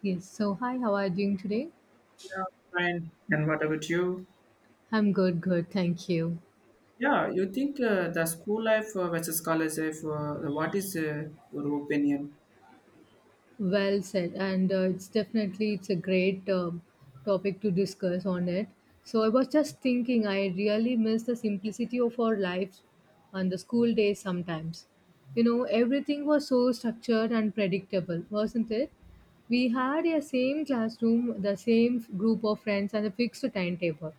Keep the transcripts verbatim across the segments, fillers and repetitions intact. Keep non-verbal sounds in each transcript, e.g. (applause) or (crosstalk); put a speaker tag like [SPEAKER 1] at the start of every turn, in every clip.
[SPEAKER 1] Yes, so hi, how are you doing today?
[SPEAKER 2] Yeah, fine. And what about you?
[SPEAKER 1] I'm good, good, thank you.
[SPEAKER 2] Yeah, you think uh, the school life uh, versus college life, uh, what is uh, your opinion?
[SPEAKER 1] Well said, and uh, it's definitely it's a great um topic to discuss on it. So I was just thinking, I really miss the simplicity of our lives on the school days sometimes. You know, everything was so structured and predictable, wasn't it? We had a same classroom, the same group of friends, and a fixed timetable.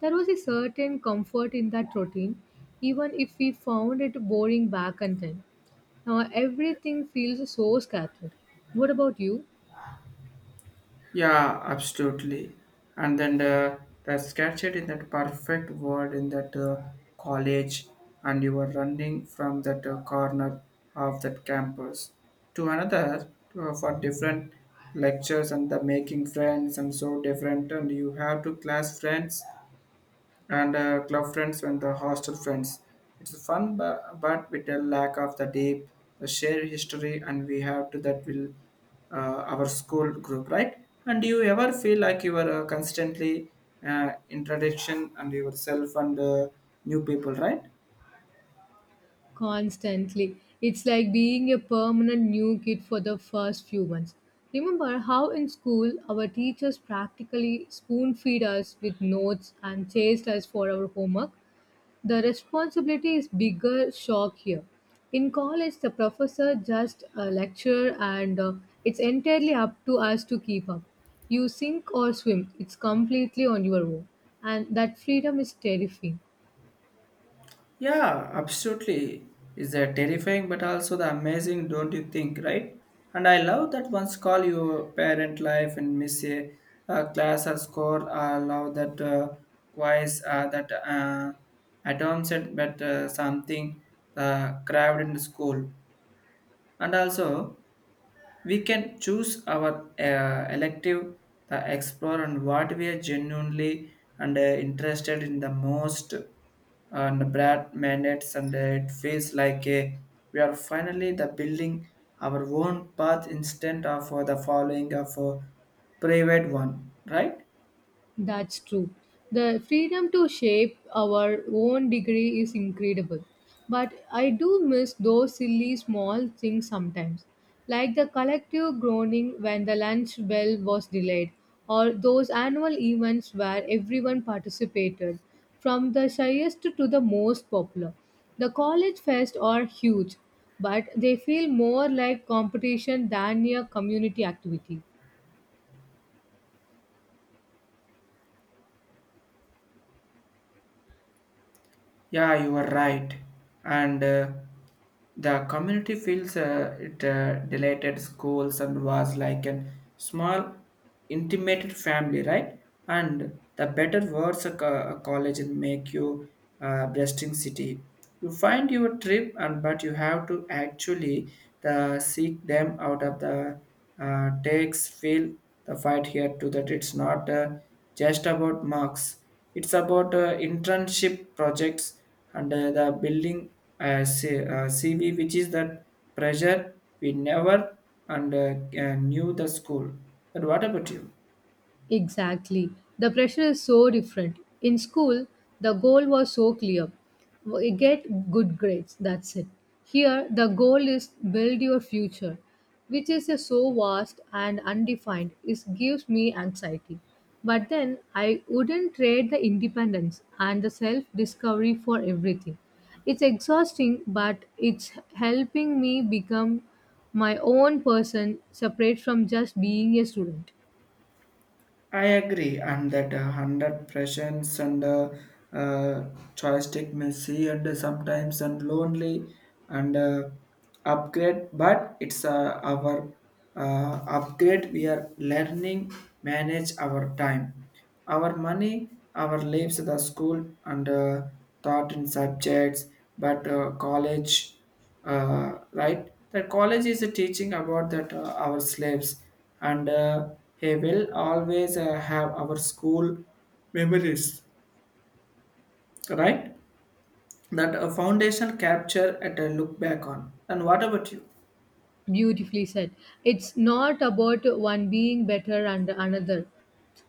[SPEAKER 1] There was a certain comfort in that routine, even if we found it boring back and then. Now everything feels so scattered. What about you?
[SPEAKER 2] Yeah, absolutely. And then the, the captured in that perfect word in that uh, college, and you are running from that uh, corner of that campus to another uh, for different lectures and the making friends and so different. And you have to class friends and uh, club friends and the hostel friends. It's fun, but, but with a lack of the deep, the shared history, and we have to that will uh, our school group, right? And do you ever feel like you are uh, constantly uh, introduction and yourself and uh, new people, right?
[SPEAKER 1] Constantly. It's like being a permanent new kid for the first few months. Remember how in school our teachers practically spoon feed us with notes and chased us for our homework? The responsibility is bigger shock here. In college, the professor just uh, lecture and uh, it's entirely up to us to keep up. You sink or swim, it's completely on your own. And that freedom is terrifying.
[SPEAKER 2] Yeah, absolutely. Is that terrifying but also the amazing, don't you think, right? And I love that once call your parent life and miss a, a class or score. I love that uh, quiz, uh, that uh, atom set, but uh, something uh, craved in the school. And also, we can choose our uh, elective, the explore, and what we are genuinely and uh, interested in the most. And Brad minutes, and uh, it feels like a, we are finally the building our own path instead of uh, the following of a private one, right?
[SPEAKER 1] That's true. The freedom to shape our own degree is incredible. But I do miss those silly small things sometimes, like the collective groaning when the lunch bell was delayed, or those annual events where everyone participated, from the shyest to the most popular. The college fests are huge, but they feel more like competition than a community activity.
[SPEAKER 2] Yeah, you are right. And uh, the community feels uh, it uh, delighted schools and was like a small, intimate family, right? And the better words a, co- a college will make you uh, blessing city. You find your trip, and but you have to actually the seek them out of the uh, takes feel the fight here to that it's not uh, just about marks. It's about uh, internship projects and uh, the building uh, C- uh, C V, which is that pressure we never and uh, uh, knew the school. But what about you?
[SPEAKER 1] Exactly. The pressure is so different. In school, the goal was so clear. We Get good grades, that's it. Here, the goal is build your future, which is a so vast and undefined. It gives me anxiety. But then, I wouldn't trade the independence and the self discovery for everything. It's exhausting, but it's helping me become my own person separate from just being a student.
[SPEAKER 2] I agree, and that uh, hundred pressions and uh, uh, joystick messy and sometimes and lonely and uh, upgrade, but it's uh, our uh, upgrade. We are learning manage our time, our money, our lives, the school and uh, thought in subjects, but uh, college uh, right? That college is teaching about that uh, our slaves, and uh, he will always uh, have our school memories, right? That a foundation capture at a look back on. And what about you?
[SPEAKER 1] Beautifully said. It's not about one being better and another.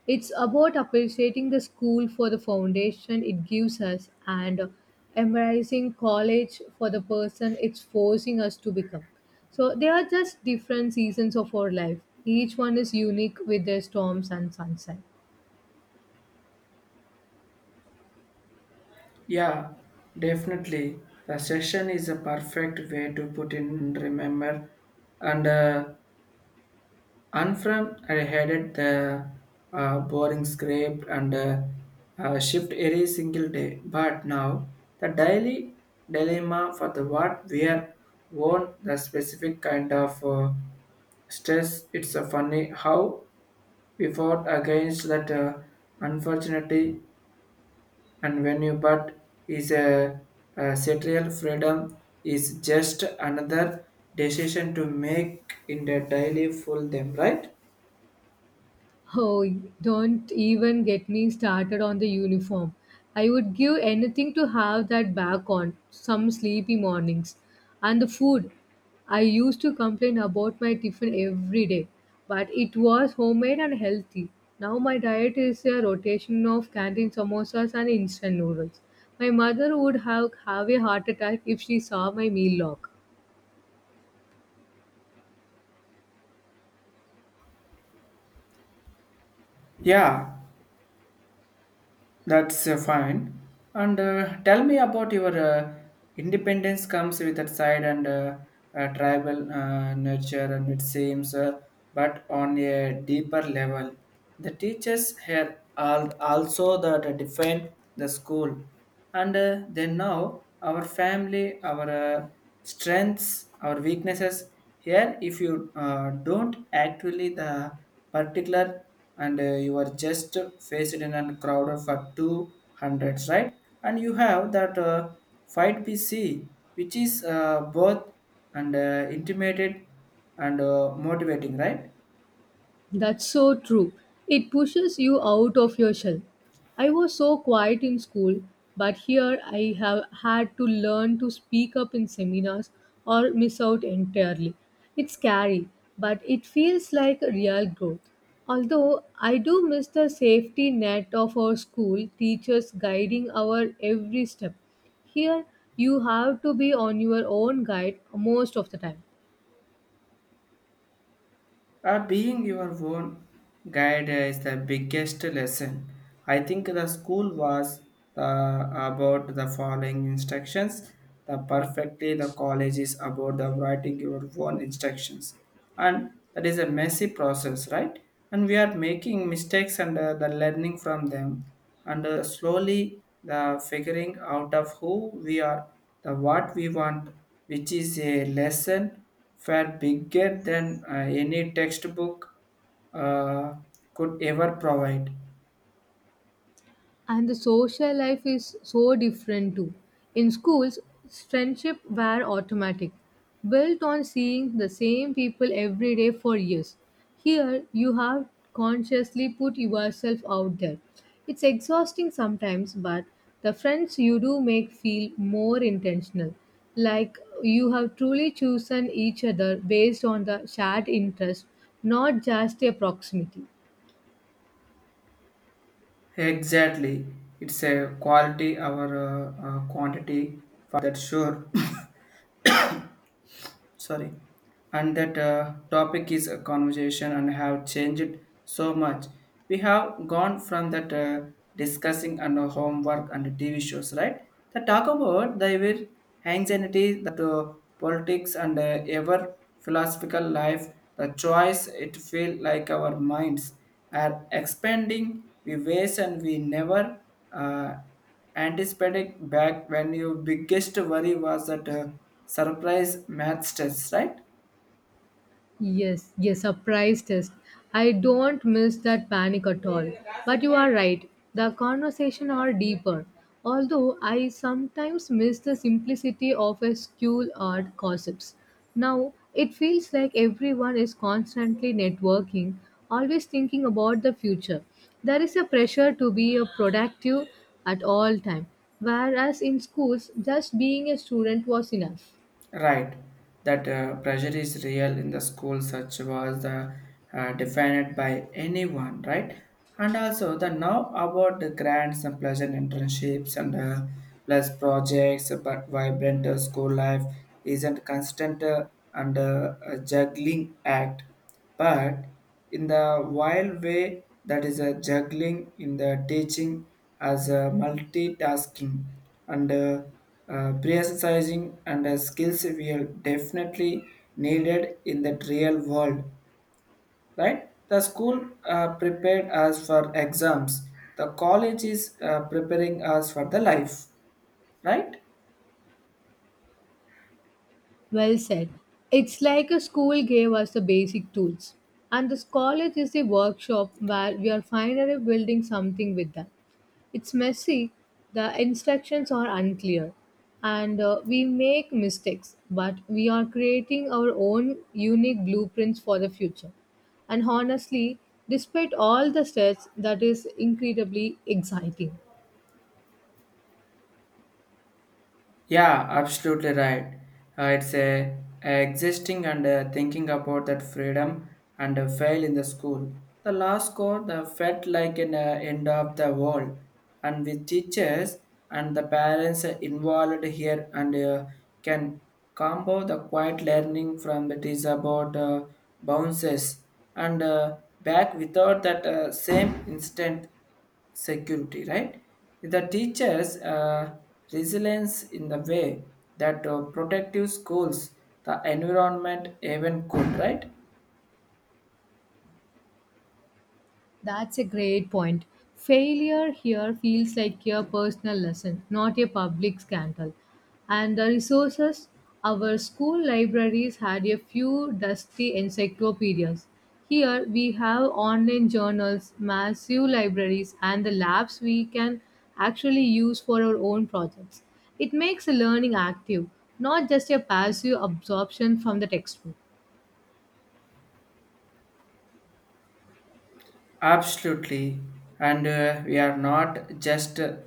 [SPEAKER 1] It's about appreciating the school for the foundation it gives us and embracing college for the person it's forcing us to become. So they are just different seasons of our life. Each one is unique with their storms and sunshine.
[SPEAKER 2] Yeah, definitely. The session is a perfect way to put in and remember and uh, Unfriend I headed the uh, boring script and uh, uh, shift every single day. But now the daily dilemma for the what we are own the specific kind of uh, stress. It's a funny how we fought against that uh, unfortunately and when you but is a, a serial freedom is just another decision to make in the daily full them, right.
[SPEAKER 1] Oh, don't even get me started on the uniform. I would give anything to have that back on some sleepy mornings. And the food. I used to complain about my tiffin every day, but it was homemade and healthy. Now my diet is a rotation of canteen samosas and instant noodles. My mother would have, have a heart attack if she saw my meal log.
[SPEAKER 2] Yeah, that's uh, fine. And uh, tell me about your uh, independence comes with that side and uh, uh, tribal uh, nurture, and it seems, uh, but on a deeper level. The teachers here are also that define the school, and uh, they know our family, our uh, strengths, our weaknesses. Here, if you uh, don't actually the particular and uh, you are just faced in a crowd for two hundreds, right. And you have that uh, fight pc, which is uh, both and uh, intimated and uh, motivating, right.
[SPEAKER 1] That's so true. It pushes you out of your shell. I was so quiet in school, but here I have had to learn to speak up in seminars or miss out entirely. It's scary, but it feels like a real growth. Although I do miss the safety net of our school teachers guiding our every step. Here you have to be on your own guide most of the time.
[SPEAKER 2] Uh, being your own guide is the biggest lesson. I think the school was the, about the following instructions. The perfectly the college is about the writing your own instructions, and that is a messy process, right? And we are making mistakes and uh, the learning from them, and uh, slowly the figuring out of who we are, the what we want, which is a lesson were bigger than uh, any textbook uh, could ever provide.
[SPEAKER 1] And the social life is so different too. In schools, friendship were automatic, built on seeing the same people every day for years. Here, you have consciously put yourself out there. It's exhausting sometimes, but the friends you do make feel more intentional, like you have truly chosen each other based on the shared interest, not just a proximity.
[SPEAKER 2] Exactly, it's a quality over uh, uh, quantity for that sure. (coughs) Sorry. And that uh, topic is a conversation and have changed so much. We have gone from that uh, discussing and uh, homework and T V shows, right, the talk about the evil anxiety that uh, politics and uh, ever philosophical life the choice. It feel like our minds are expanding we ways and we never uh, anticipating back when your biggest worry was that uh, surprise math test, right?
[SPEAKER 1] Yes, yes, surprise test. I don't miss that panic at all. But you are right, the conversation are deeper. Although I sometimes miss the simplicity of a school art gossips. Now it feels like everyone is constantly networking, always thinking about the future. There is a pressure to be a productive at all time, whereas in schools just being a student was enough.
[SPEAKER 2] Right, that uh, pressure is real in the school, such was the uh, defined by anyone, right? And also the now about the grants and pleasant internships and uh, plus projects, but vibrant uh, school life isn't constant uh, and uh, a juggling act, but in the wild way that is a juggling in the teaching as a multitasking and uh, uh, prioritizing and uh, skills we are definitely needed in the real world, right. The school uh, prepared us for exams. The college is uh, preparing us for the life, right.
[SPEAKER 1] Well said. It's like a school gave us the basic tools, and this college is the workshop where we are finally building something with them. It's messy, the instructions are unclear, and uh, we make mistakes, but we are creating our own unique blueprints for the future. And honestly, despite all the stress, that is incredibly exciting.
[SPEAKER 2] Yeah, absolutely right. Uh, it's a, a existing and uh, thinking about that freedom and uh, fail in the school. The last code the felt like an uh, end of the world, and with teachers and the parents are involved here and uh, can combo the quiet learning from it is about uh, bounces and uh, back without that uh, same instant security, right? The teachers' uh, resilience in the way that uh, protective schools, the environment even could, right?
[SPEAKER 1] That's a great point. Failure here feels like a personal lesson, not a public scandal. And the resources, our school libraries had a few dusty encyclopedias. Here we have online journals, massive libraries, and the labs we can actually use for our own projects. It makes the learning active, not just a passive absorption from the textbook.
[SPEAKER 2] Absolutely. And uh, we are not just uh,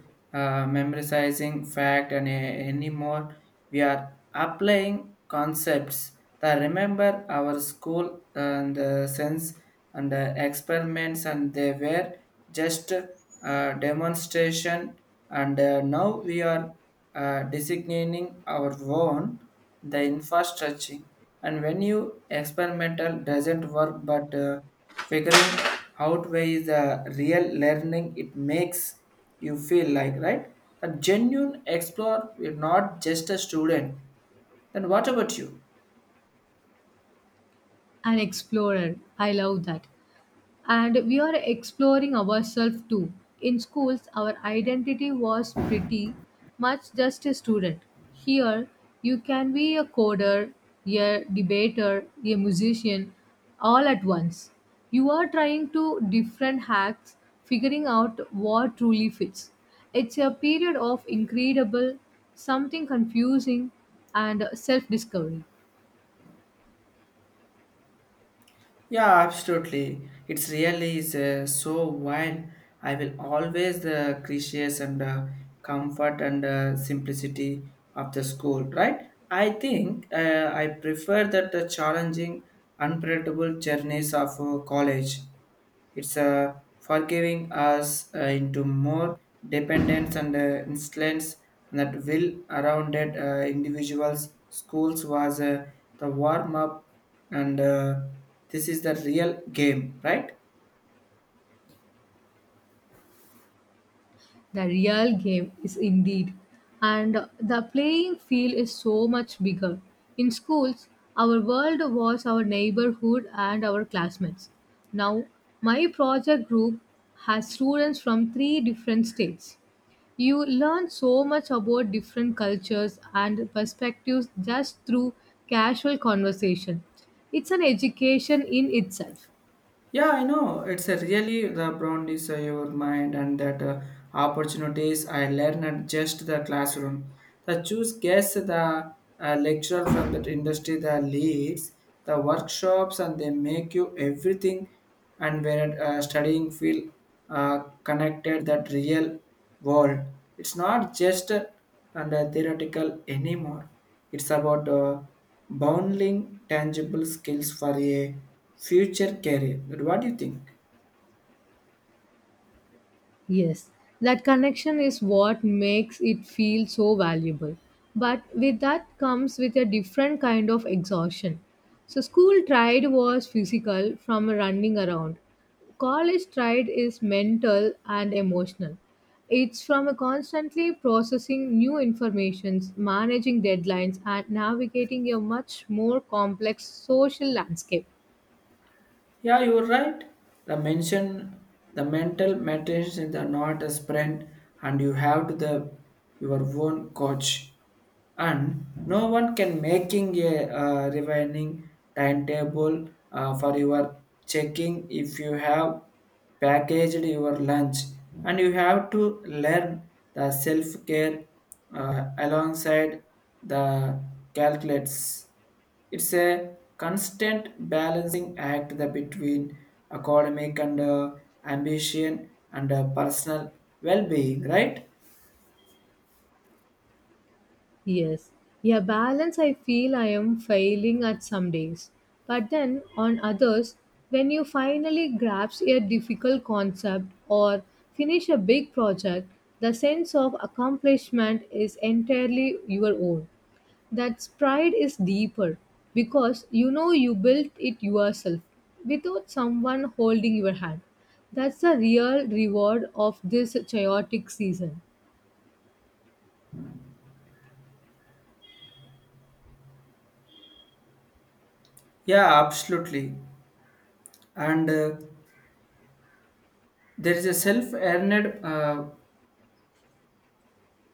[SPEAKER 2] memorizing fact and uh, anymore. We are applying concepts that remember our school and uh, sense and uh, experiments and they were just uh, demonstration and uh, now we are uh, designating our own the infrastructure. And when you experimental doesn't work but uh, figuring out where is the real learning, it makes you feel like, right, the genuine explorer. You're not just a student. Then what about you?
[SPEAKER 1] An explorer, I love that. And we are exploring ourselves too. In schools, our identity was pretty much just a student. Here, you can be a coder, a debater, a musician, all at once. You are trying to different hacks, figuring out what truly fits. It's a period of incredible, something confusing, and self discovery.
[SPEAKER 2] Yeah, absolutely. It's really is uh, so wine. I will always the gracious and uh, comfort and uh, simplicity of the school, right? I think uh, I prefer that the challenging, unpredictable journeys of uh, college. It's uh, forgiving us uh, into more dependence and uh, insolence that will around it, uh, individuals. Schools was uh, the warm up, and uh, this is the real game, right?
[SPEAKER 1] The real game is indeed. And the playing field is so much bigger. In schools, our world was our neighborhood and our classmates. Now, my project group has students from three different states. You learn so much about different cultures and perspectives just through casual conversation. It's an education in itself.
[SPEAKER 2] Yeah, I know. It's a really the broadness of your mind and that uh, opportunities I learn at just the classroom. The choose guess the uh, lecturer from that industry that leads the workshops and they make you everything and where uh, studying feel uh, connected that real world. It's not just and uh, theoretical anymore. It's about uh, bundling tangible skills for a future career. What do you think?
[SPEAKER 1] Yes, that connection is what makes it feel so valuable. But with that comes with a different kind of exhaustion. So school tried was physical from running around. College tried is mental and emotional. It's from a constantly processing new informations, managing deadlines and navigating a much more complex social landscape.
[SPEAKER 2] Yeah, you're right. The mention the mental matters is not a sprint, and you have to the your own coach, and no one can making a uh, refining timetable uh, for your checking if you have packaged your lunch, and you have to learn the self care uh, alongside the calculates. It's a constant balancing act that between academic and uh, ambition and uh, personal well-being, right?
[SPEAKER 1] Yes. Yeah, balance I feel I am failing at some days. But then on others, when you finally grasp a difficult concept or finish a big project, the sense of accomplishment is entirely your own. That pride is deeper because you know you built it yourself without someone holding your hand. That's the real reward of this chaotic season.
[SPEAKER 2] Yeah, absolutely. And uh, there is a self-earned uh,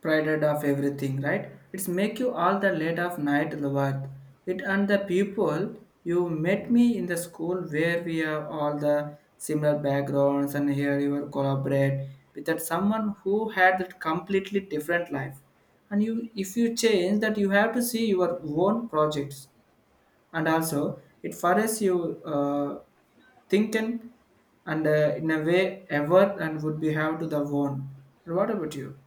[SPEAKER 2] prided of everything, right? It's make you all the late of night the worth. It and the people you met me in the school where we have all the similar backgrounds and here you will collaborate with that someone who had that completely different life. And you if you change that you have to see your own projects. And also it forces you uh, thinking and uh, in a way ever and would be have to the one. What about you?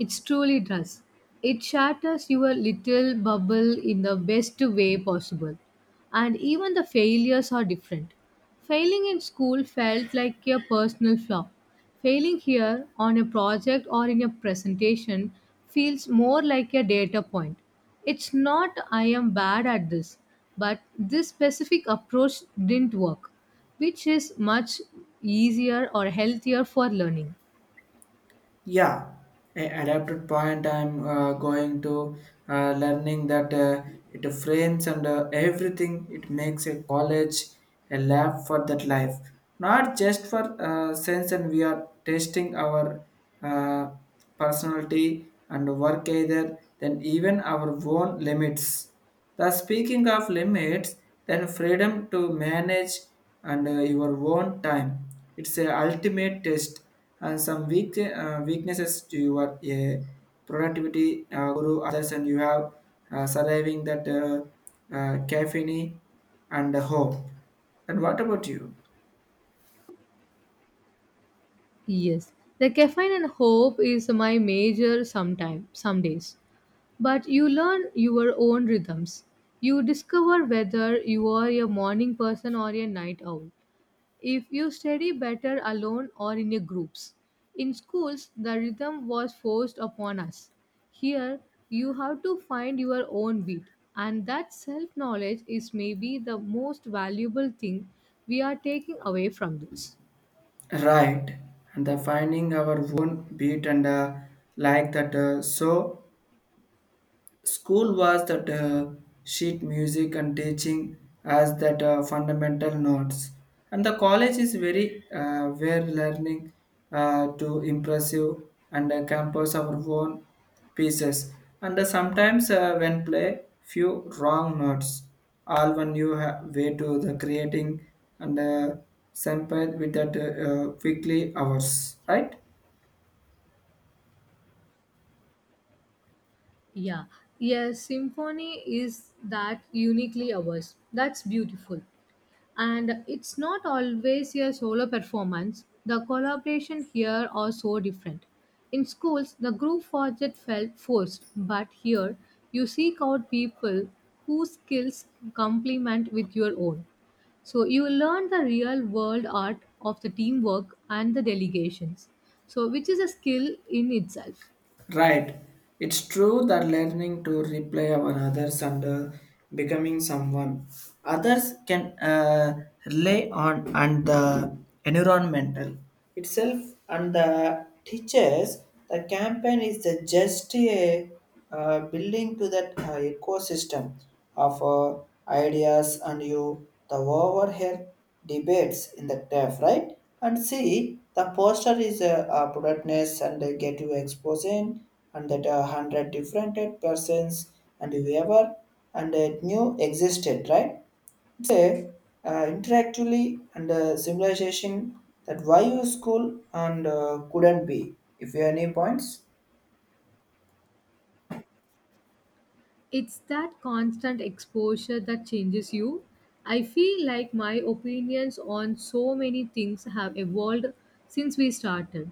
[SPEAKER 1] It truly does. It shatters your little bubble in the best way possible. And even the failures are different. Failing in school felt like a personal flaw. Failing here on a project or in a presentation feels more like a data point. It's not I am bad at this, but this specific approach didn't work, which is much easier or healthier for learning.
[SPEAKER 2] Yeah, a- adapted point. I'm uh, going to uh, learning that uh, it frames and uh, everything. It makes a college a lab for that life, not just for uh, sense. And we are testing our uh, personality and work either, then even our own limits. The speaking of limits, then freedom to manage and uh, your own time. It's a ultimate test and some weak uh, weaknesses to your uh, productivity uh, guru others and you have uh, surviving that uh, uh, caffeine and hope. And what about you?
[SPEAKER 1] Yes, the caffeine and hope is my major sometime some days. But you learn your own rhythms. You discover whether you are a morning person or a night owl. If you study better alone or in a groups. In schools, the rhythm was forced upon us. Here, you have to find your own beat, and that self knowledge is maybe the most valuable thing we are taking away from this.
[SPEAKER 2] Right, and the finding our own beat and uh, like that. Uh, so school was that uh, sheet music and teaching as that uh, fundamental notes, and the college is very uh, where learning uh, to impressive and uh, campus our own pieces. And uh, sometimes uh, when play few wrong notes, all one you ha- way to the creating and uh, sample with that uh, uh, quickly hours, right?
[SPEAKER 1] Yeah, yes, symphony is that uniquely ours. That's beautiful. And it's not always a solo performance. The collaboration here are so different. In schools, the group project felt forced, but here you seek out people whose skills complement with your own. So you learn the real world art of the teamwork and the delegations. So which is a skill in itself.
[SPEAKER 2] Right. It's true that learning to reply our others and uh, becoming someone others can uh, rely on and the environmental itself and the teachers. The campaign is the just a uh, building to that uh, ecosystem of uh, ideas and you the overhead debates in the graph, right? And see, the poster is a, a productness and they get you exposing and that a hundred different persons and whoever and it new existed, right? It's a uh, interactively and uh, simulation that why you school and uh, couldn't be. If you have any points.
[SPEAKER 1] It's that constant exposure that changes you. I feel like my opinions on so many things have evolved since we started.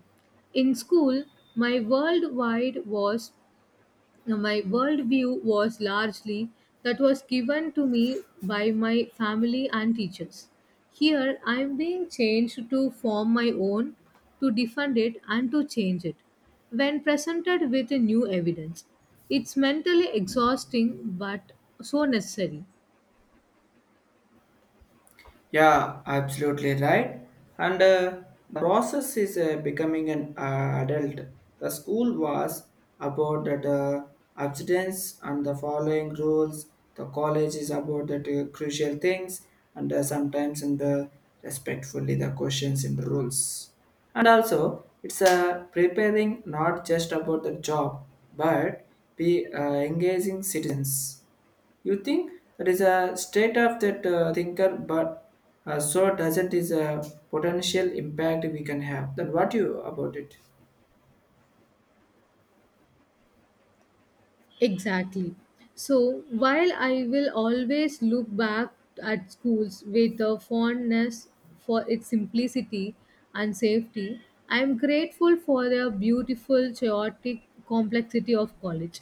[SPEAKER 1] In school, my worldwide was my worldview was largely that was given to me by my family and teachers. Here, I am being changed to form my own, to defend it, and to change it. When presented with new evidence, it's mentally exhausting but so necessary.
[SPEAKER 2] Yeah, absolutely right. And uh, the process is uh, becoming an uh, adult. The school was about that uh, abstinence and the following rules. The college is about that uh, crucial things and uh, sometimes in the respectfully the questions in the rules. And also, it's uh, preparing not just about the job but be uh, engaging citizens. You think that is a state of that uh, thinker, but uh, so doesn't is a potential impact we can have. Then what you about it?
[SPEAKER 1] Exactly. So while I will always look back at schools with a fondness for its simplicity and safety, I am grateful for the beautiful, chaotic complexity of college.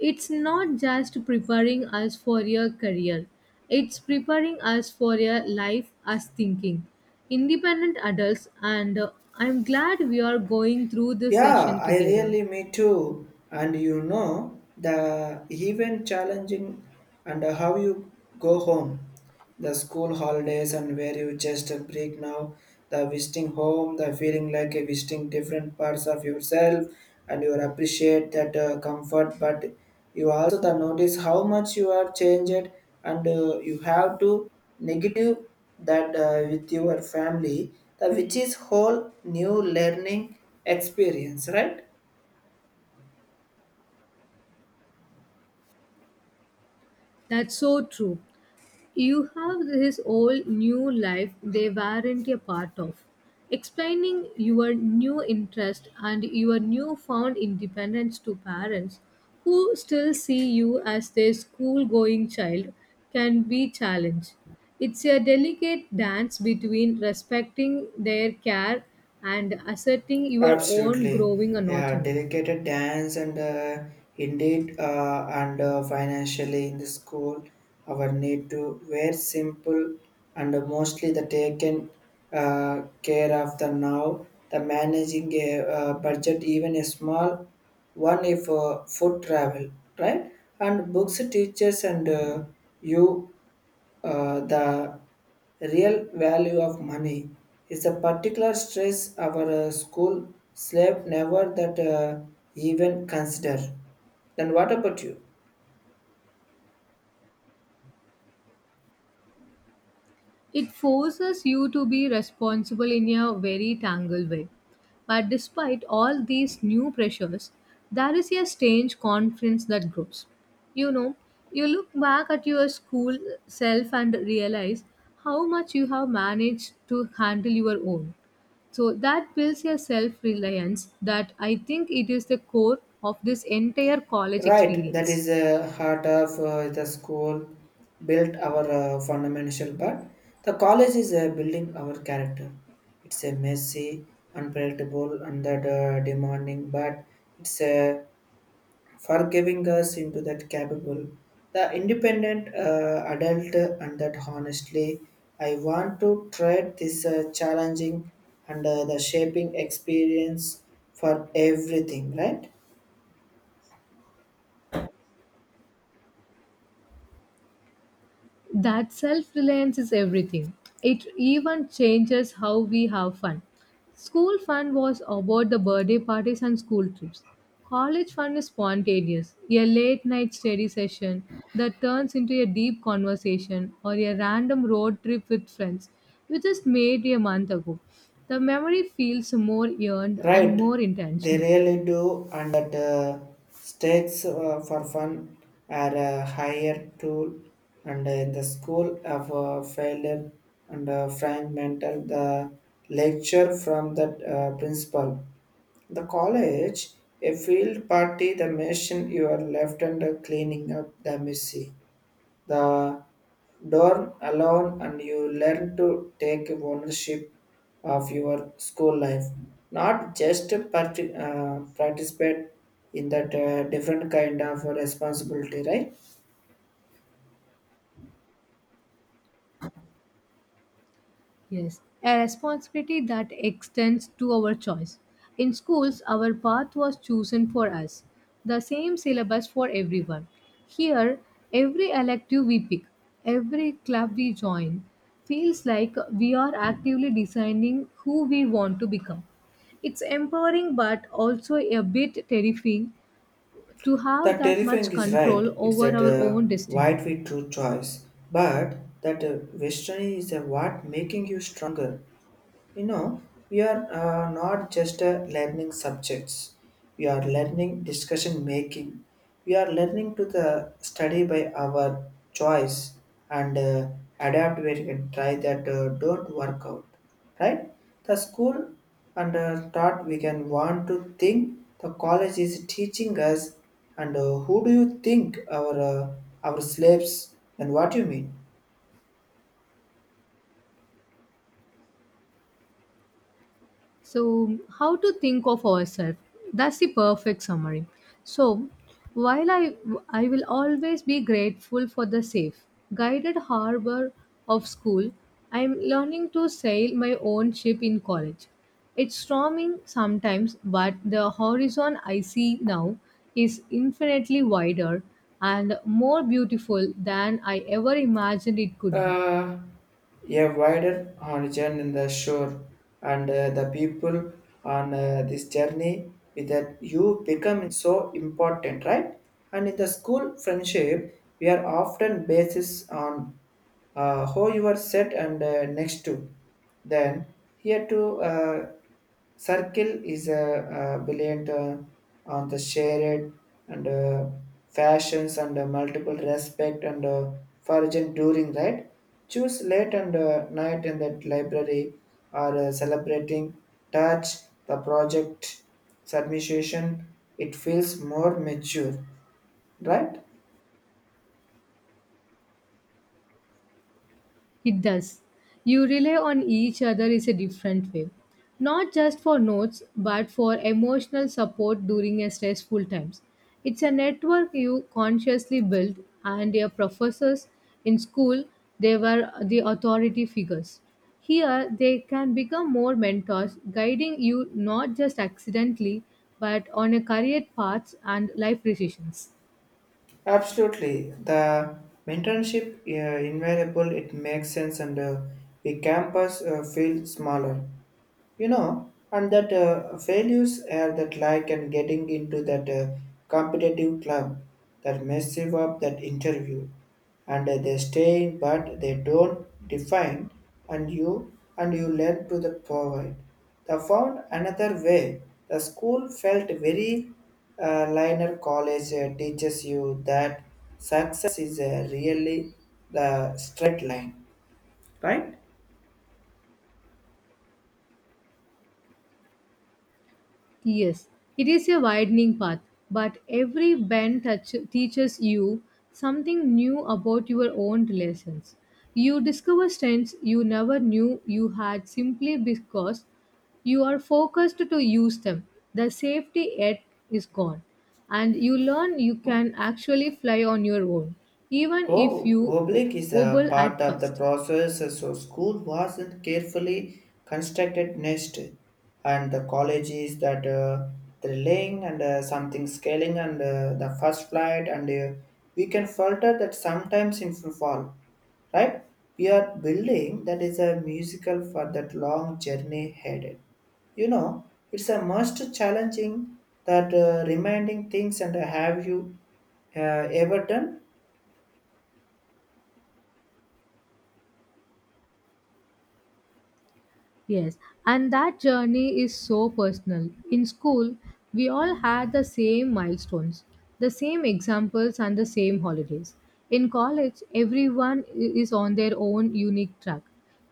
[SPEAKER 1] It's not just preparing us for a career, it's preparing us for a life as thinking. Independent adults, and uh, I'm glad we are going through this
[SPEAKER 2] Yeah,
[SPEAKER 1] session
[SPEAKER 2] I
[SPEAKER 1] together.
[SPEAKER 2] really me too. And you know the even challenging and how you go home, the school holidays and where you just break now, the visiting home, the feeling like a visiting different parts of yourself, and you appreciate that uh, comfort. But you also the notice how much you are changed, and uh, you have to negative that uh, with your family the which is whole new learning experience, right?
[SPEAKER 1] That's so true. You have this whole new life they weren't a part of. Explaining your new interest and your newfound independence to parents who still see you as their school going child can be challenged. It's a delicate dance between respecting their care and asserting your own
[SPEAKER 2] Absolutely,
[SPEAKER 1] growing
[SPEAKER 2] yeah,
[SPEAKER 1] anatomy.
[SPEAKER 2] dedicated dance and uh, indeed uh, and uh, financially in the school our need to wear simple and mostly the taken uh, care of the now the managing a uh, budget even a small one if uh, food travel, right? And books teachers and uh, you uh, the real value of money is a particular stress our uh, school slave never that uh, even consider. Then what about you?
[SPEAKER 1] It forces you to be responsible in a very tangled way. But despite all these new pressures, there is a strange confidence that grows. You know, you look back at your school self and realize how much you have managed to handle your own. So that builds your self reliance that I think it is the core of this entire college
[SPEAKER 2] Right, that is
[SPEAKER 1] experience.
[SPEAKER 2] the heart of uh, the school built our uh, fundamental, but the college is uh, building our character. It's a messy, unpredictable, and that uh, demanding, but it's a for giving us into that capable, the independent uh, adult, and that honestly, I want to tread this uh, challenging and uh, the shaping experience for everything, right?
[SPEAKER 1] That self reliance is everything. It even changes how we have fun. School fun was about the birthday parties and school trips. College fun is spontaneous, a late night study session that turns into a deep conversation or a random road trip with friends, which just made a month ago. The memory feels more earned and
[SPEAKER 2] Right,
[SPEAKER 1] more
[SPEAKER 2] they
[SPEAKER 1] intentional.
[SPEAKER 2] really do, and that uh, stakes uh, for fun are a higher tool. And uh, in the school of uh, failure and uh, fragmental, the lecture from the uh, principal. The college, a field party, the mission you are left under cleaning up the messy the dorm alone and you learn to take ownership of your school life, not just part- uh, participate in that uh, different kind of responsibility, right?
[SPEAKER 1] Yes, a responsibility that extends to our choice. In schools, our path was chosen for us, the same syllabus for everyone. Here, every elective we pick, every club we join, feels like we are actively designing who we want to become. It's empowering but also a bit terrifying to have
[SPEAKER 2] That
[SPEAKER 1] that
[SPEAKER 2] terrifying
[SPEAKER 1] much
[SPEAKER 2] is right,
[SPEAKER 1] control
[SPEAKER 2] it's
[SPEAKER 1] over
[SPEAKER 2] that
[SPEAKER 1] our
[SPEAKER 2] uh,
[SPEAKER 1] own destiny.
[SPEAKER 2] wide we true choice but that uh, western is a what making you stronger. You know, we are uh, not just uh, learning subjects. We are learning discussion making. We are learning to the study by our choice and uh, adapt where we can try that uh, don't work out. Right? The school and uh, thought we can want to think the college is teaching us and uh, who do you think our uh, our slaves and what do you mean?
[SPEAKER 1] So, how to think of ourselves? That's the perfect summary. So, while I, I will always be grateful for the safe, guided harbor of school, I am learning to sail my own ship in college. It's storming sometimes, but the horizon I see now is infinitely wider and more beautiful than I ever imagined it could be.
[SPEAKER 2] Uh, a wider horizon in the shore and uh, the people on uh, this journey with that you become so important, right? And in the school friendship we are often basis on uh, how you are set and uh, next to. Then here to uh, circle is a, uh brilliant uh, on the shared and uh, fashions and uh, multiple respect and uh, foraging during, right? Choose late and uh, night in that library or uh, celebrating touch the project submission. It feels more mature, right?
[SPEAKER 1] It does. You rely on each other is a different way. Not just for notes, but for emotional support during a stressful times. It's a network you consciously build, and your professors in school, they were the authority figures. Here they can become more mentors, guiding you not just accidentally but on a career paths and life decisions.
[SPEAKER 2] Absolutely. The mentorship uh, invaluable, it makes sense and uh, the campus uh, feel smaller, you know, and that uh, values are that like and getting into that uh, competitive club, that mess up that interview and uh, they stay but they don't define and you and you learn to the provide they found another way. The school felt very uh, liner college uh, teaches you that success is uh, really the straight line, right?
[SPEAKER 1] Yes, it is a widening path, but every bend touch- teaches you something new about your own relations. You discover strengths you never knew you had simply because you are focused to use them. The safety net is gone, and you learn you can actually fly on your own, even if
[SPEAKER 2] Ho-
[SPEAKER 1] you o-
[SPEAKER 2] Oblik is a
[SPEAKER 1] wobble at
[SPEAKER 2] part of the
[SPEAKER 1] first.
[SPEAKER 2] process, so school was a carefully constructed nest, and the college is that uh, thrilling and uh, something scaling and uh, the first flight, and uh, we can filter that sometimes in fall, right? We are building that is a musical for that long journey headed, you know. It's a most challenging that uh, reminding things and have you uh, ever done?
[SPEAKER 1] Yes, and that journey is so personal. In school, we all had the same milestones, the same examples, and the same holidays. In college, everyone i- is on their own unique track.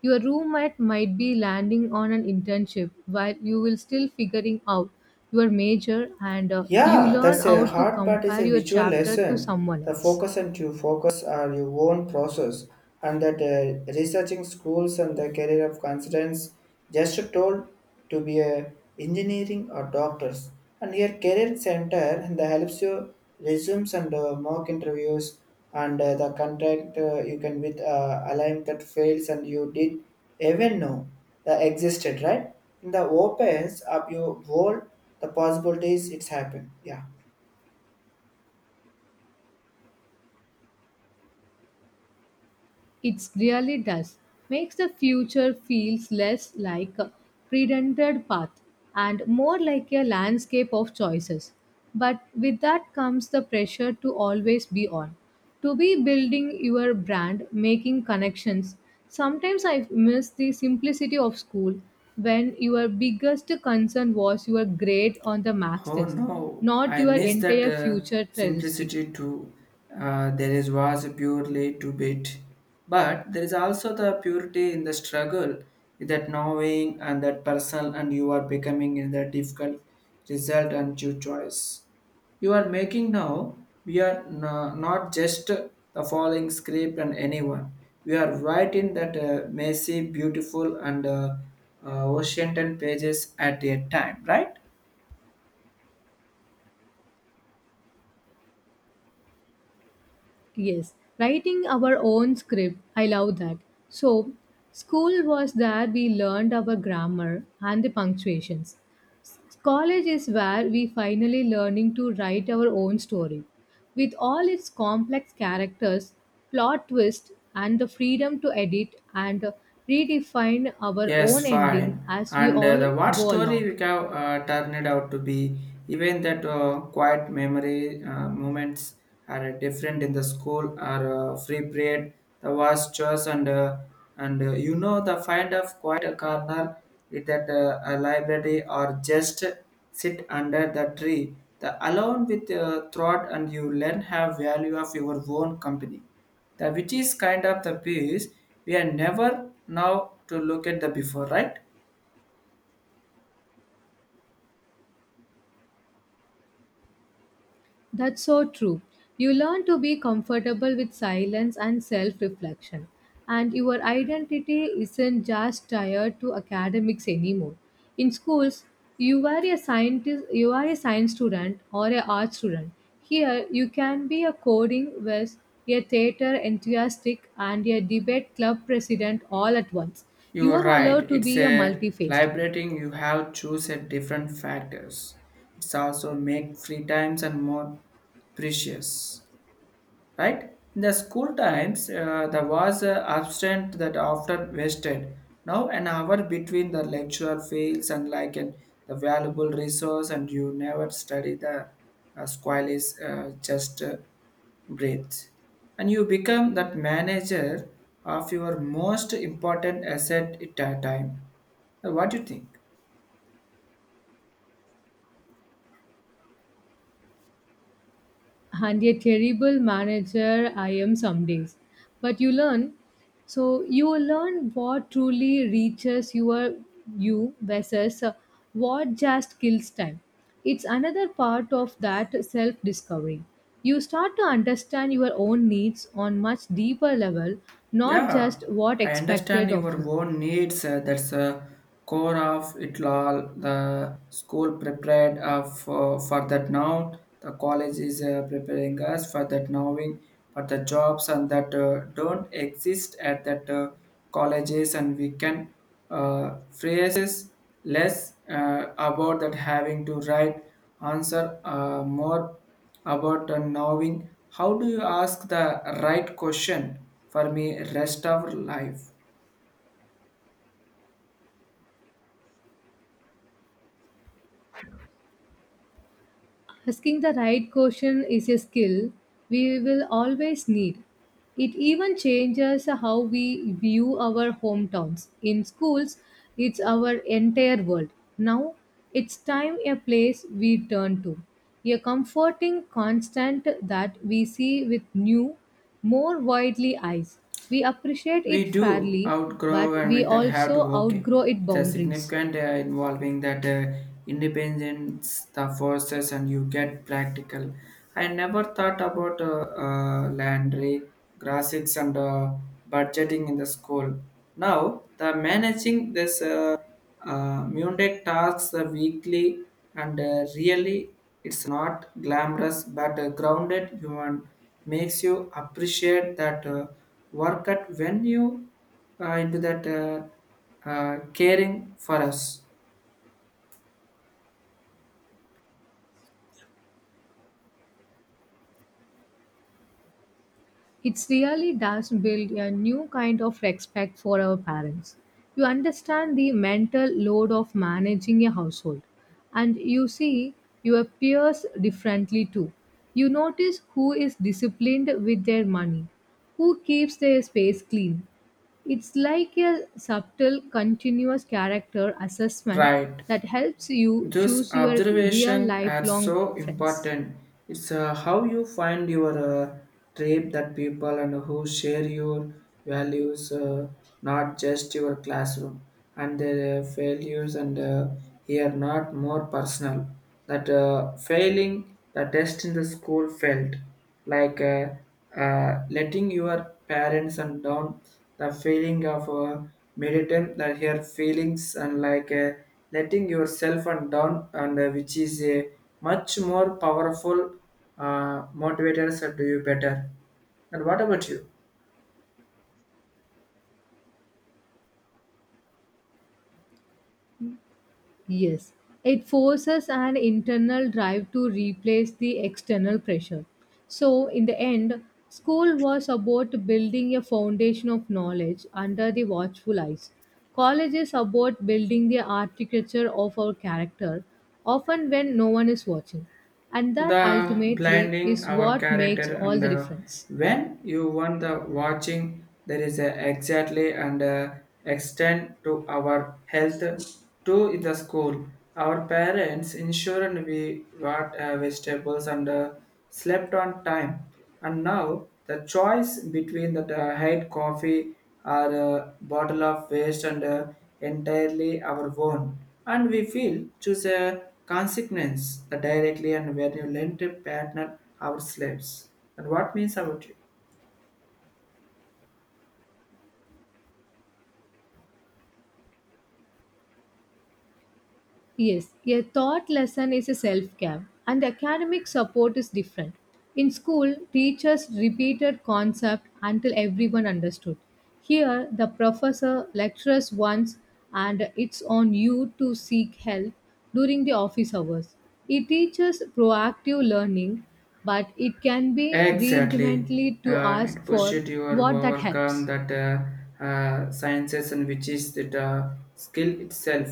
[SPEAKER 1] Your roommate might be landing on an internship while you will still figuring out your major, and uh, you
[SPEAKER 2] Yeah,
[SPEAKER 1] learn
[SPEAKER 2] that's a
[SPEAKER 1] how to
[SPEAKER 2] hard part is
[SPEAKER 1] compare
[SPEAKER 2] a
[SPEAKER 1] your
[SPEAKER 2] visual
[SPEAKER 1] chapter to
[SPEAKER 2] lesson.
[SPEAKER 1] someone
[SPEAKER 2] The
[SPEAKER 1] else.
[SPEAKER 2] focus and you focus are your own process and that uh, researching schools and the career of consultants just told to be a engineering or doctors and your career center and that helps you resumes and uh, mock interviews and uh, the contract uh, you can with uh, align that fails and you did even know that existed, right? In the opens up your world the possibilities it's happened, yeah.
[SPEAKER 1] It really does. Makes the future feels less like a predented path and more like a landscape of choices. But with that comes the pressure to always be on, to be building your brand, making connections. Sometimes I miss the simplicity of school when your biggest concern was your grade on the max
[SPEAKER 2] Oh
[SPEAKER 1] test,
[SPEAKER 2] no,
[SPEAKER 1] not
[SPEAKER 2] I
[SPEAKER 1] your
[SPEAKER 2] miss that
[SPEAKER 1] entire
[SPEAKER 2] uh,
[SPEAKER 1] future trajectory.
[SPEAKER 2] simplicity too. Uh, there is was purely to bit, but there is also the purity in the struggle, that knowing and that personal, and you are becoming in the difficult result and your choice you are making now. We are no- not just the following script and anyone. We are writing that uh, messy, beautiful, and uh, uh, ocean ten pages at a time, right?
[SPEAKER 1] Yes, writing our own script. I love that. So, school was where we learned our grammar and the punctuations. S- College is where we finally learning to write our own story. With all its complex characters, plot twist and the freedom to edit and redefine our own
[SPEAKER 2] Yes, fine.
[SPEAKER 1] ending as we
[SPEAKER 2] And uh,
[SPEAKER 1] all
[SPEAKER 2] the what
[SPEAKER 1] go
[SPEAKER 2] story
[SPEAKER 1] along.
[SPEAKER 2] we have uh, turned out to be, even that uh, quiet memory uh, moments are uh, different in the school or uh, free period, the vast chores and uh, and uh, you know the find of quiet a corner it at uh, a library or just sit under the tree. The alone with uh, thought and you learn have value of your own company the which is kind of the piece we are never now to look at the before, right?
[SPEAKER 1] That's so true. You learn to be comfortable with silence and self reflection. And your identity isn't just tied to academics anymore. In schools, you are a scientist, you are a science student or a art student. Here, you can be a coding whiz, a theater enthusiastic, and a debate club president all at once. You
[SPEAKER 2] You're
[SPEAKER 1] are
[SPEAKER 2] right.
[SPEAKER 1] allowed to
[SPEAKER 2] It's
[SPEAKER 1] be a
[SPEAKER 2] a
[SPEAKER 1] multi-faced.
[SPEAKER 2] liberating. You have choose a different factors. It's also make free times and more precious. Right? In the school times, uh, there was uh, absent that often wasted. Now an hour between the lecture fails and like an the valuable resource, and you never study the uh, squall is uh, just uh, breathe, and you become that manager of your most important asset at a time. Uh, What do you think?
[SPEAKER 1] And a terrible manager I am some days. But you learn. So you learn what truly reaches your you versus uh, what just kills time. It's another part of that self discovery. You start to understand your own needs on much deeper level, not
[SPEAKER 2] Yeah,
[SPEAKER 1] just what
[SPEAKER 2] I understand
[SPEAKER 1] expected
[SPEAKER 2] your
[SPEAKER 1] of you.
[SPEAKER 2] own needs. Uh, that's a core of it all. The school prepared uh, for, for that now. The college is uh, preparing us for that knowing. But the jobs and that uh, don't exist at that uh, colleges, and we can uh, phrases less uh, about that having to write answer uh, more about uh, knowing how do you ask the right question for me rest of life.
[SPEAKER 1] Asking the right question is a skill we will always need. It even changes how we view our hometowns. In schools, it's our entire world. Now, it's time a place we turn to. A comforting constant that we see with new, more widely eyes. We appreciate it
[SPEAKER 2] We do
[SPEAKER 1] fairly,
[SPEAKER 2] outgrow
[SPEAKER 1] but
[SPEAKER 2] and
[SPEAKER 1] we
[SPEAKER 2] with that have to,
[SPEAKER 1] also
[SPEAKER 2] okay,
[SPEAKER 1] outgrow its
[SPEAKER 2] it's a
[SPEAKER 1] boundaries.
[SPEAKER 2] significant uh, involving that uh, independence the forces and you get practical. I never thought about uh, uh, landry graphics and uh, budgeting in the school now the managing this uh, Uh, Mundane tasks are weekly and uh, really it's not glamorous but a grounded human makes you appreciate that uh, work at when you uh, into that uh, uh, caring for us.
[SPEAKER 1] It really does build a new kind of respect for our parents. You understand the mental load of managing a household, and you see your peers differently too. You notice who is disciplined with their money, who keeps their space clean. It's like a subtle, continuous character assessment
[SPEAKER 2] Right.
[SPEAKER 1] that helps you
[SPEAKER 2] This
[SPEAKER 1] choose your real
[SPEAKER 2] observation is
[SPEAKER 1] lifelong
[SPEAKER 2] so
[SPEAKER 1] friends.
[SPEAKER 2] important. It's uh, how you find your uh, tribe that people and who share your values, uh, not just your classroom and their uh, failures. And uh, here, not more personal that uh, failing the test in the school failed like uh, uh, letting your parents and down the feeling of uh, meditate that your feelings and like uh, letting yourself and down and uh, which is a much more powerful uh, motivator to do you better, and what about you?
[SPEAKER 1] Yes, it forces an internal drive to replace the external pressure. So, in the end, school was about building a foundation of knowledge under the watchful eyes. College is about building the architecture of our character, often when no one is watching. And that
[SPEAKER 2] The
[SPEAKER 1] ultimately
[SPEAKER 2] blinding
[SPEAKER 1] is
[SPEAKER 2] our
[SPEAKER 1] what makes
[SPEAKER 2] character
[SPEAKER 1] all
[SPEAKER 2] and
[SPEAKER 1] the
[SPEAKER 2] uh,
[SPEAKER 1] difference.
[SPEAKER 2] when you want the watching there is a exactly and uh, extend to our health to the school our parents ensured we what uh, vegetables and uh, slept on time and now the choice between the uh, hate coffee our a bottle of waste and uh, entirely our own. And we feel choose a consequence that directly and when you lend a partner our slaves. And what means about you?
[SPEAKER 1] Yes, a thought lesson is a self care, and academic support is different. In school, teachers repeated concept until everyone understood. Here, the professor lectures once, and it's on you to seek help during the office hours. It teaches proactive learning, but it can be
[SPEAKER 2] Exactly.
[SPEAKER 1] re-intimately to
[SPEAKER 2] Uh,
[SPEAKER 1] ask
[SPEAKER 2] it pushed
[SPEAKER 1] for
[SPEAKER 2] you to
[SPEAKER 1] what that
[SPEAKER 2] overcome
[SPEAKER 1] helps.
[SPEAKER 2] that uh, uh, sciences and which is the uh, skill itself.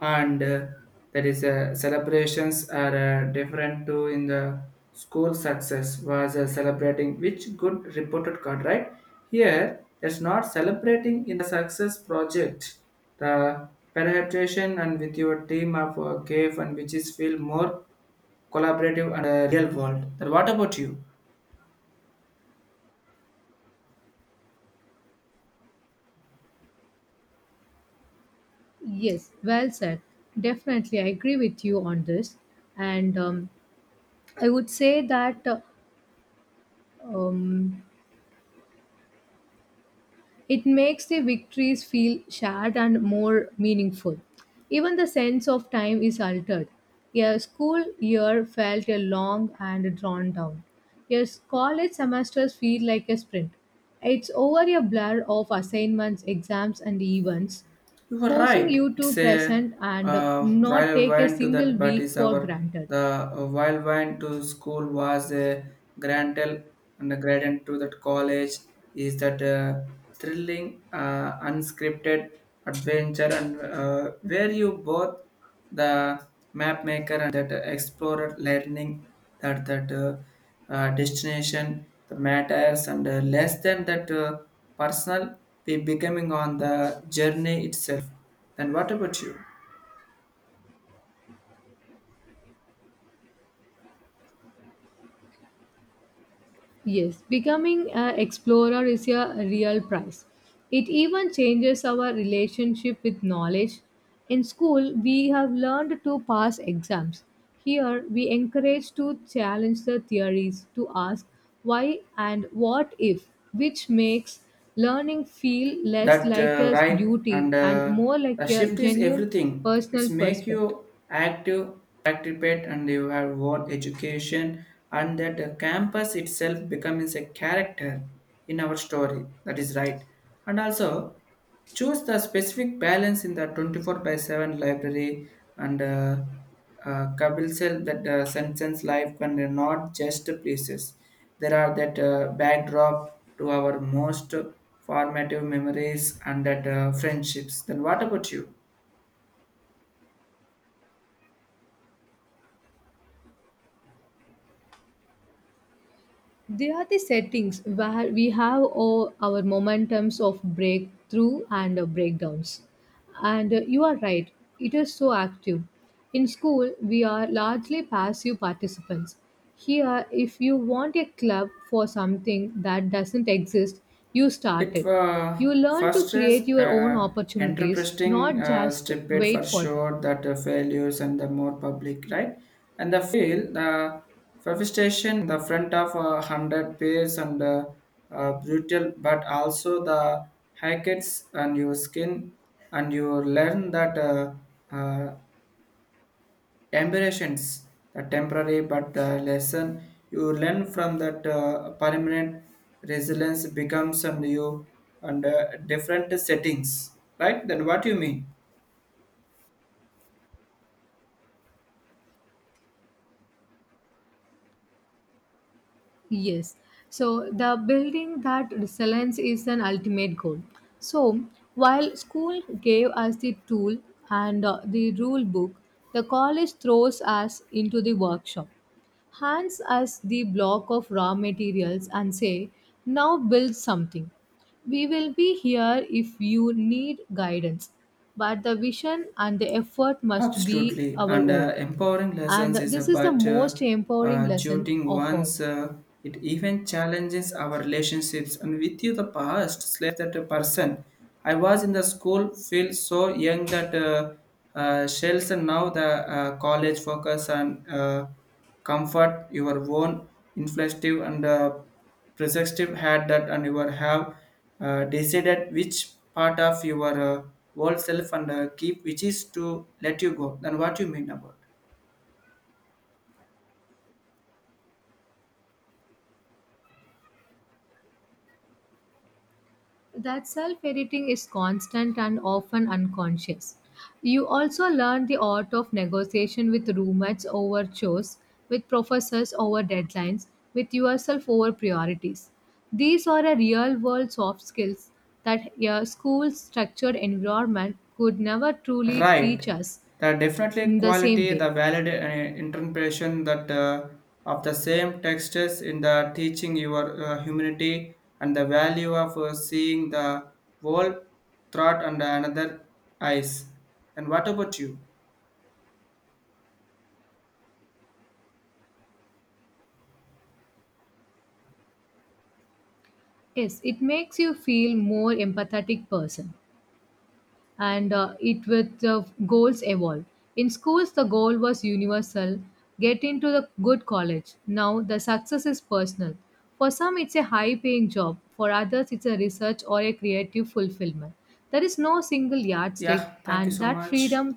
[SPEAKER 2] And uh, there is uh, celebrations are uh, different to in the school success was uh, celebrating which good reported card, right? Here, that's not celebrating in the success project. The penetration and with your team of uh, cave and which is feel more collaborative and uh, real world. Then what about you?
[SPEAKER 1] Yes, well said. Definitely, I agree with you on this. And um, I would say that uh, um, it makes the victories feel shared and more meaningful. Even the sense of time is altered. A school year felt a long and drawn down. A college semesters feel like a sprint. It's over a blur of assignments, exams, and events,
[SPEAKER 2] You are
[SPEAKER 1] forcing
[SPEAKER 2] right.
[SPEAKER 1] you
[SPEAKER 2] It's
[SPEAKER 1] to
[SPEAKER 2] a
[SPEAKER 1] present and uh,
[SPEAKER 2] uh,
[SPEAKER 1] not
[SPEAKER 2] wild
[SPEAKER 1] take a
[SPEAKER 2] wine to
[SPEAKER 1] single
[SPEAKER 2] that, but
[SPEAKER 1] week
[SPEAKER 2] is
[SPEAKER 1] for
[SPEAKER 2] our
[SPEAKER 1] granted.
[SPEAKER 2] the uh, wild wine to school was a grantel and the gradient to that college is that uh, thrilling, uh, unscripted adventure and uh, where you both the map maker and that explorer learning that that uh, uh, destination the matters and uh, less than that uh, personal be becoming on the journey itself, then what about you?
[SPEAKER 1] Yes, becoming an explorer is a real prize. It even changes our relationship with knowledge. In school, we have learned to pass exams. Here, we encourage to challenge the theories, to ask why and what if, which makes learning feel less
[SPEAKER 2] That
[SPEAKER 1] like
[SPEAKER 2] uh,
[SPEAKER 1] a
[SPEAKER 2] right
[SPEAKER 1] duty
[SPEAKER 2] and
[SPEAKER 1] and
[SPEAKER 2] uh,
[SPEAKER 1] more
[SPEAKER 2] the
[SPEAKER 1] like a
[SPEAKER 2] shift is
[SPEAKER 1] genuine
[SPEAKER 2] everything. It's
[SPEAKER 1] personal
[SPEAKER 2] make
[SPEAKER 1] prospect.
[SPEAKER 2] you active participate and you have what education and that the campus itself becomes a character in our story, that is right. And also choose the specific balance in the twenty-four by seven library and uh, uh, Kabul that uh, sentence life and uh, not just places. There are that uh, backdrop to our most formative memories and that uh, friendships. Then what about you?
[SPEAKER 1] They are the settings where we have all our momentums of breakthrough and uh, breakdowns. And uh, you are right, it is so active. In school, we are largely passive participants. Here, if you want a club for something that doesn't exist, you start
[SPEAKER 2] It
[SPEAKER 1] it.
[SPEAKER 2] uh,
[SPEAKER 1] You learn to
[SPEAKER 2] first is
[SPEAKER 1] create your own
[SPEAKER 2] uh,
[SPEAKER 1] opportunities,
[SPEAKER 2] interpreting
[SPEAKER 1] not
[SPEAKER 2] uh,
[SPEAKER 1] just
[SPEAKER 2] stipend for
[SPEAKER 1] wait for them.
[SPEAKER 2] sure that the failures and the more public, right? And the fail the manifestation the front of a hundred pairs and uh, uh, brutal but also the hackets and your skin and you learn that uh, uh, Temptations, the temporary, but the lesson you learn from that uh, permanent resilience becomes and you under different settings, right? Then what you mean?
[SPEAKER 1] Yes. So the building that resilience is an ultimate goal. So while school gave us the tool and uh, the rule book, the college throws us into the workshop, hands us the block of raw materials and say, now build something. We will be here if you need guidance, but the vision and the effort must be
[SPEAKER 2] Absolutely,
[SPEAKER 1] our
[SPEAKER 2] and
[SPEAKER 1] own.
[SPEAKER 2] uh, empowering lessons
[SPEAKER 1] And
[SPEAKER 2] is
[SPEAKER 1] this is the
[SPEAKER 2] about uh,
[SPEAKER 1] most empowering
[SPEAKER 2] uh,
[SPEAKER 1] lesson
[SPEAKER 2] duting
[SPEAKER 1] of all.
[SPEAKER 2] one's. Uh, it even challenges our relationships and with you the past slave that a person. I was in the school, feel so young that uh, uh, shells and now the uh, college focus on. Uh, comfort your own inflative and uh, perspective had that and you are have uh, decided which part of your uh, whole self and uh, keep which is to let you go, then what you mean about?
[SPEAKER 1] That self editing is constant and often unconscious. You also learn the art of negotiation with roommates over chores, with professors over deadlines, with yourself over priorities. These are a real world soft skills that your school's structured environment could never truly
[SPEAKER 2] Right,
[SPEAKER 1] teach us
[SPEAKER 2] the definitely
[SPEAKER 1] in the
[SPEAKER 2] quality
[SPEAKER 1] same way.
[SPEAKER 2] the valid uh, interpretation that uh, of the same textures in the teaching your uh, humanity and the value of uh, seeing the whole thought under another eyes, and what about you?
[SPEAKER 1] Yes, it makes you feel more empathetic person. And uh, it with uh, goals evolved. In schools, the goal was universal get into the good college. Now, the success is personal. For some, it's a high paying job, for others, it's a research or a creative fulfillment. There is no single yardstick,
[SPEAKER 2] Yeah, thank you
[SPEAKER 1] and
[SPEAKER 2] so
[SPEAKER 1] that
[SPEAKER 2] much.
[SPEAKER 1] freedom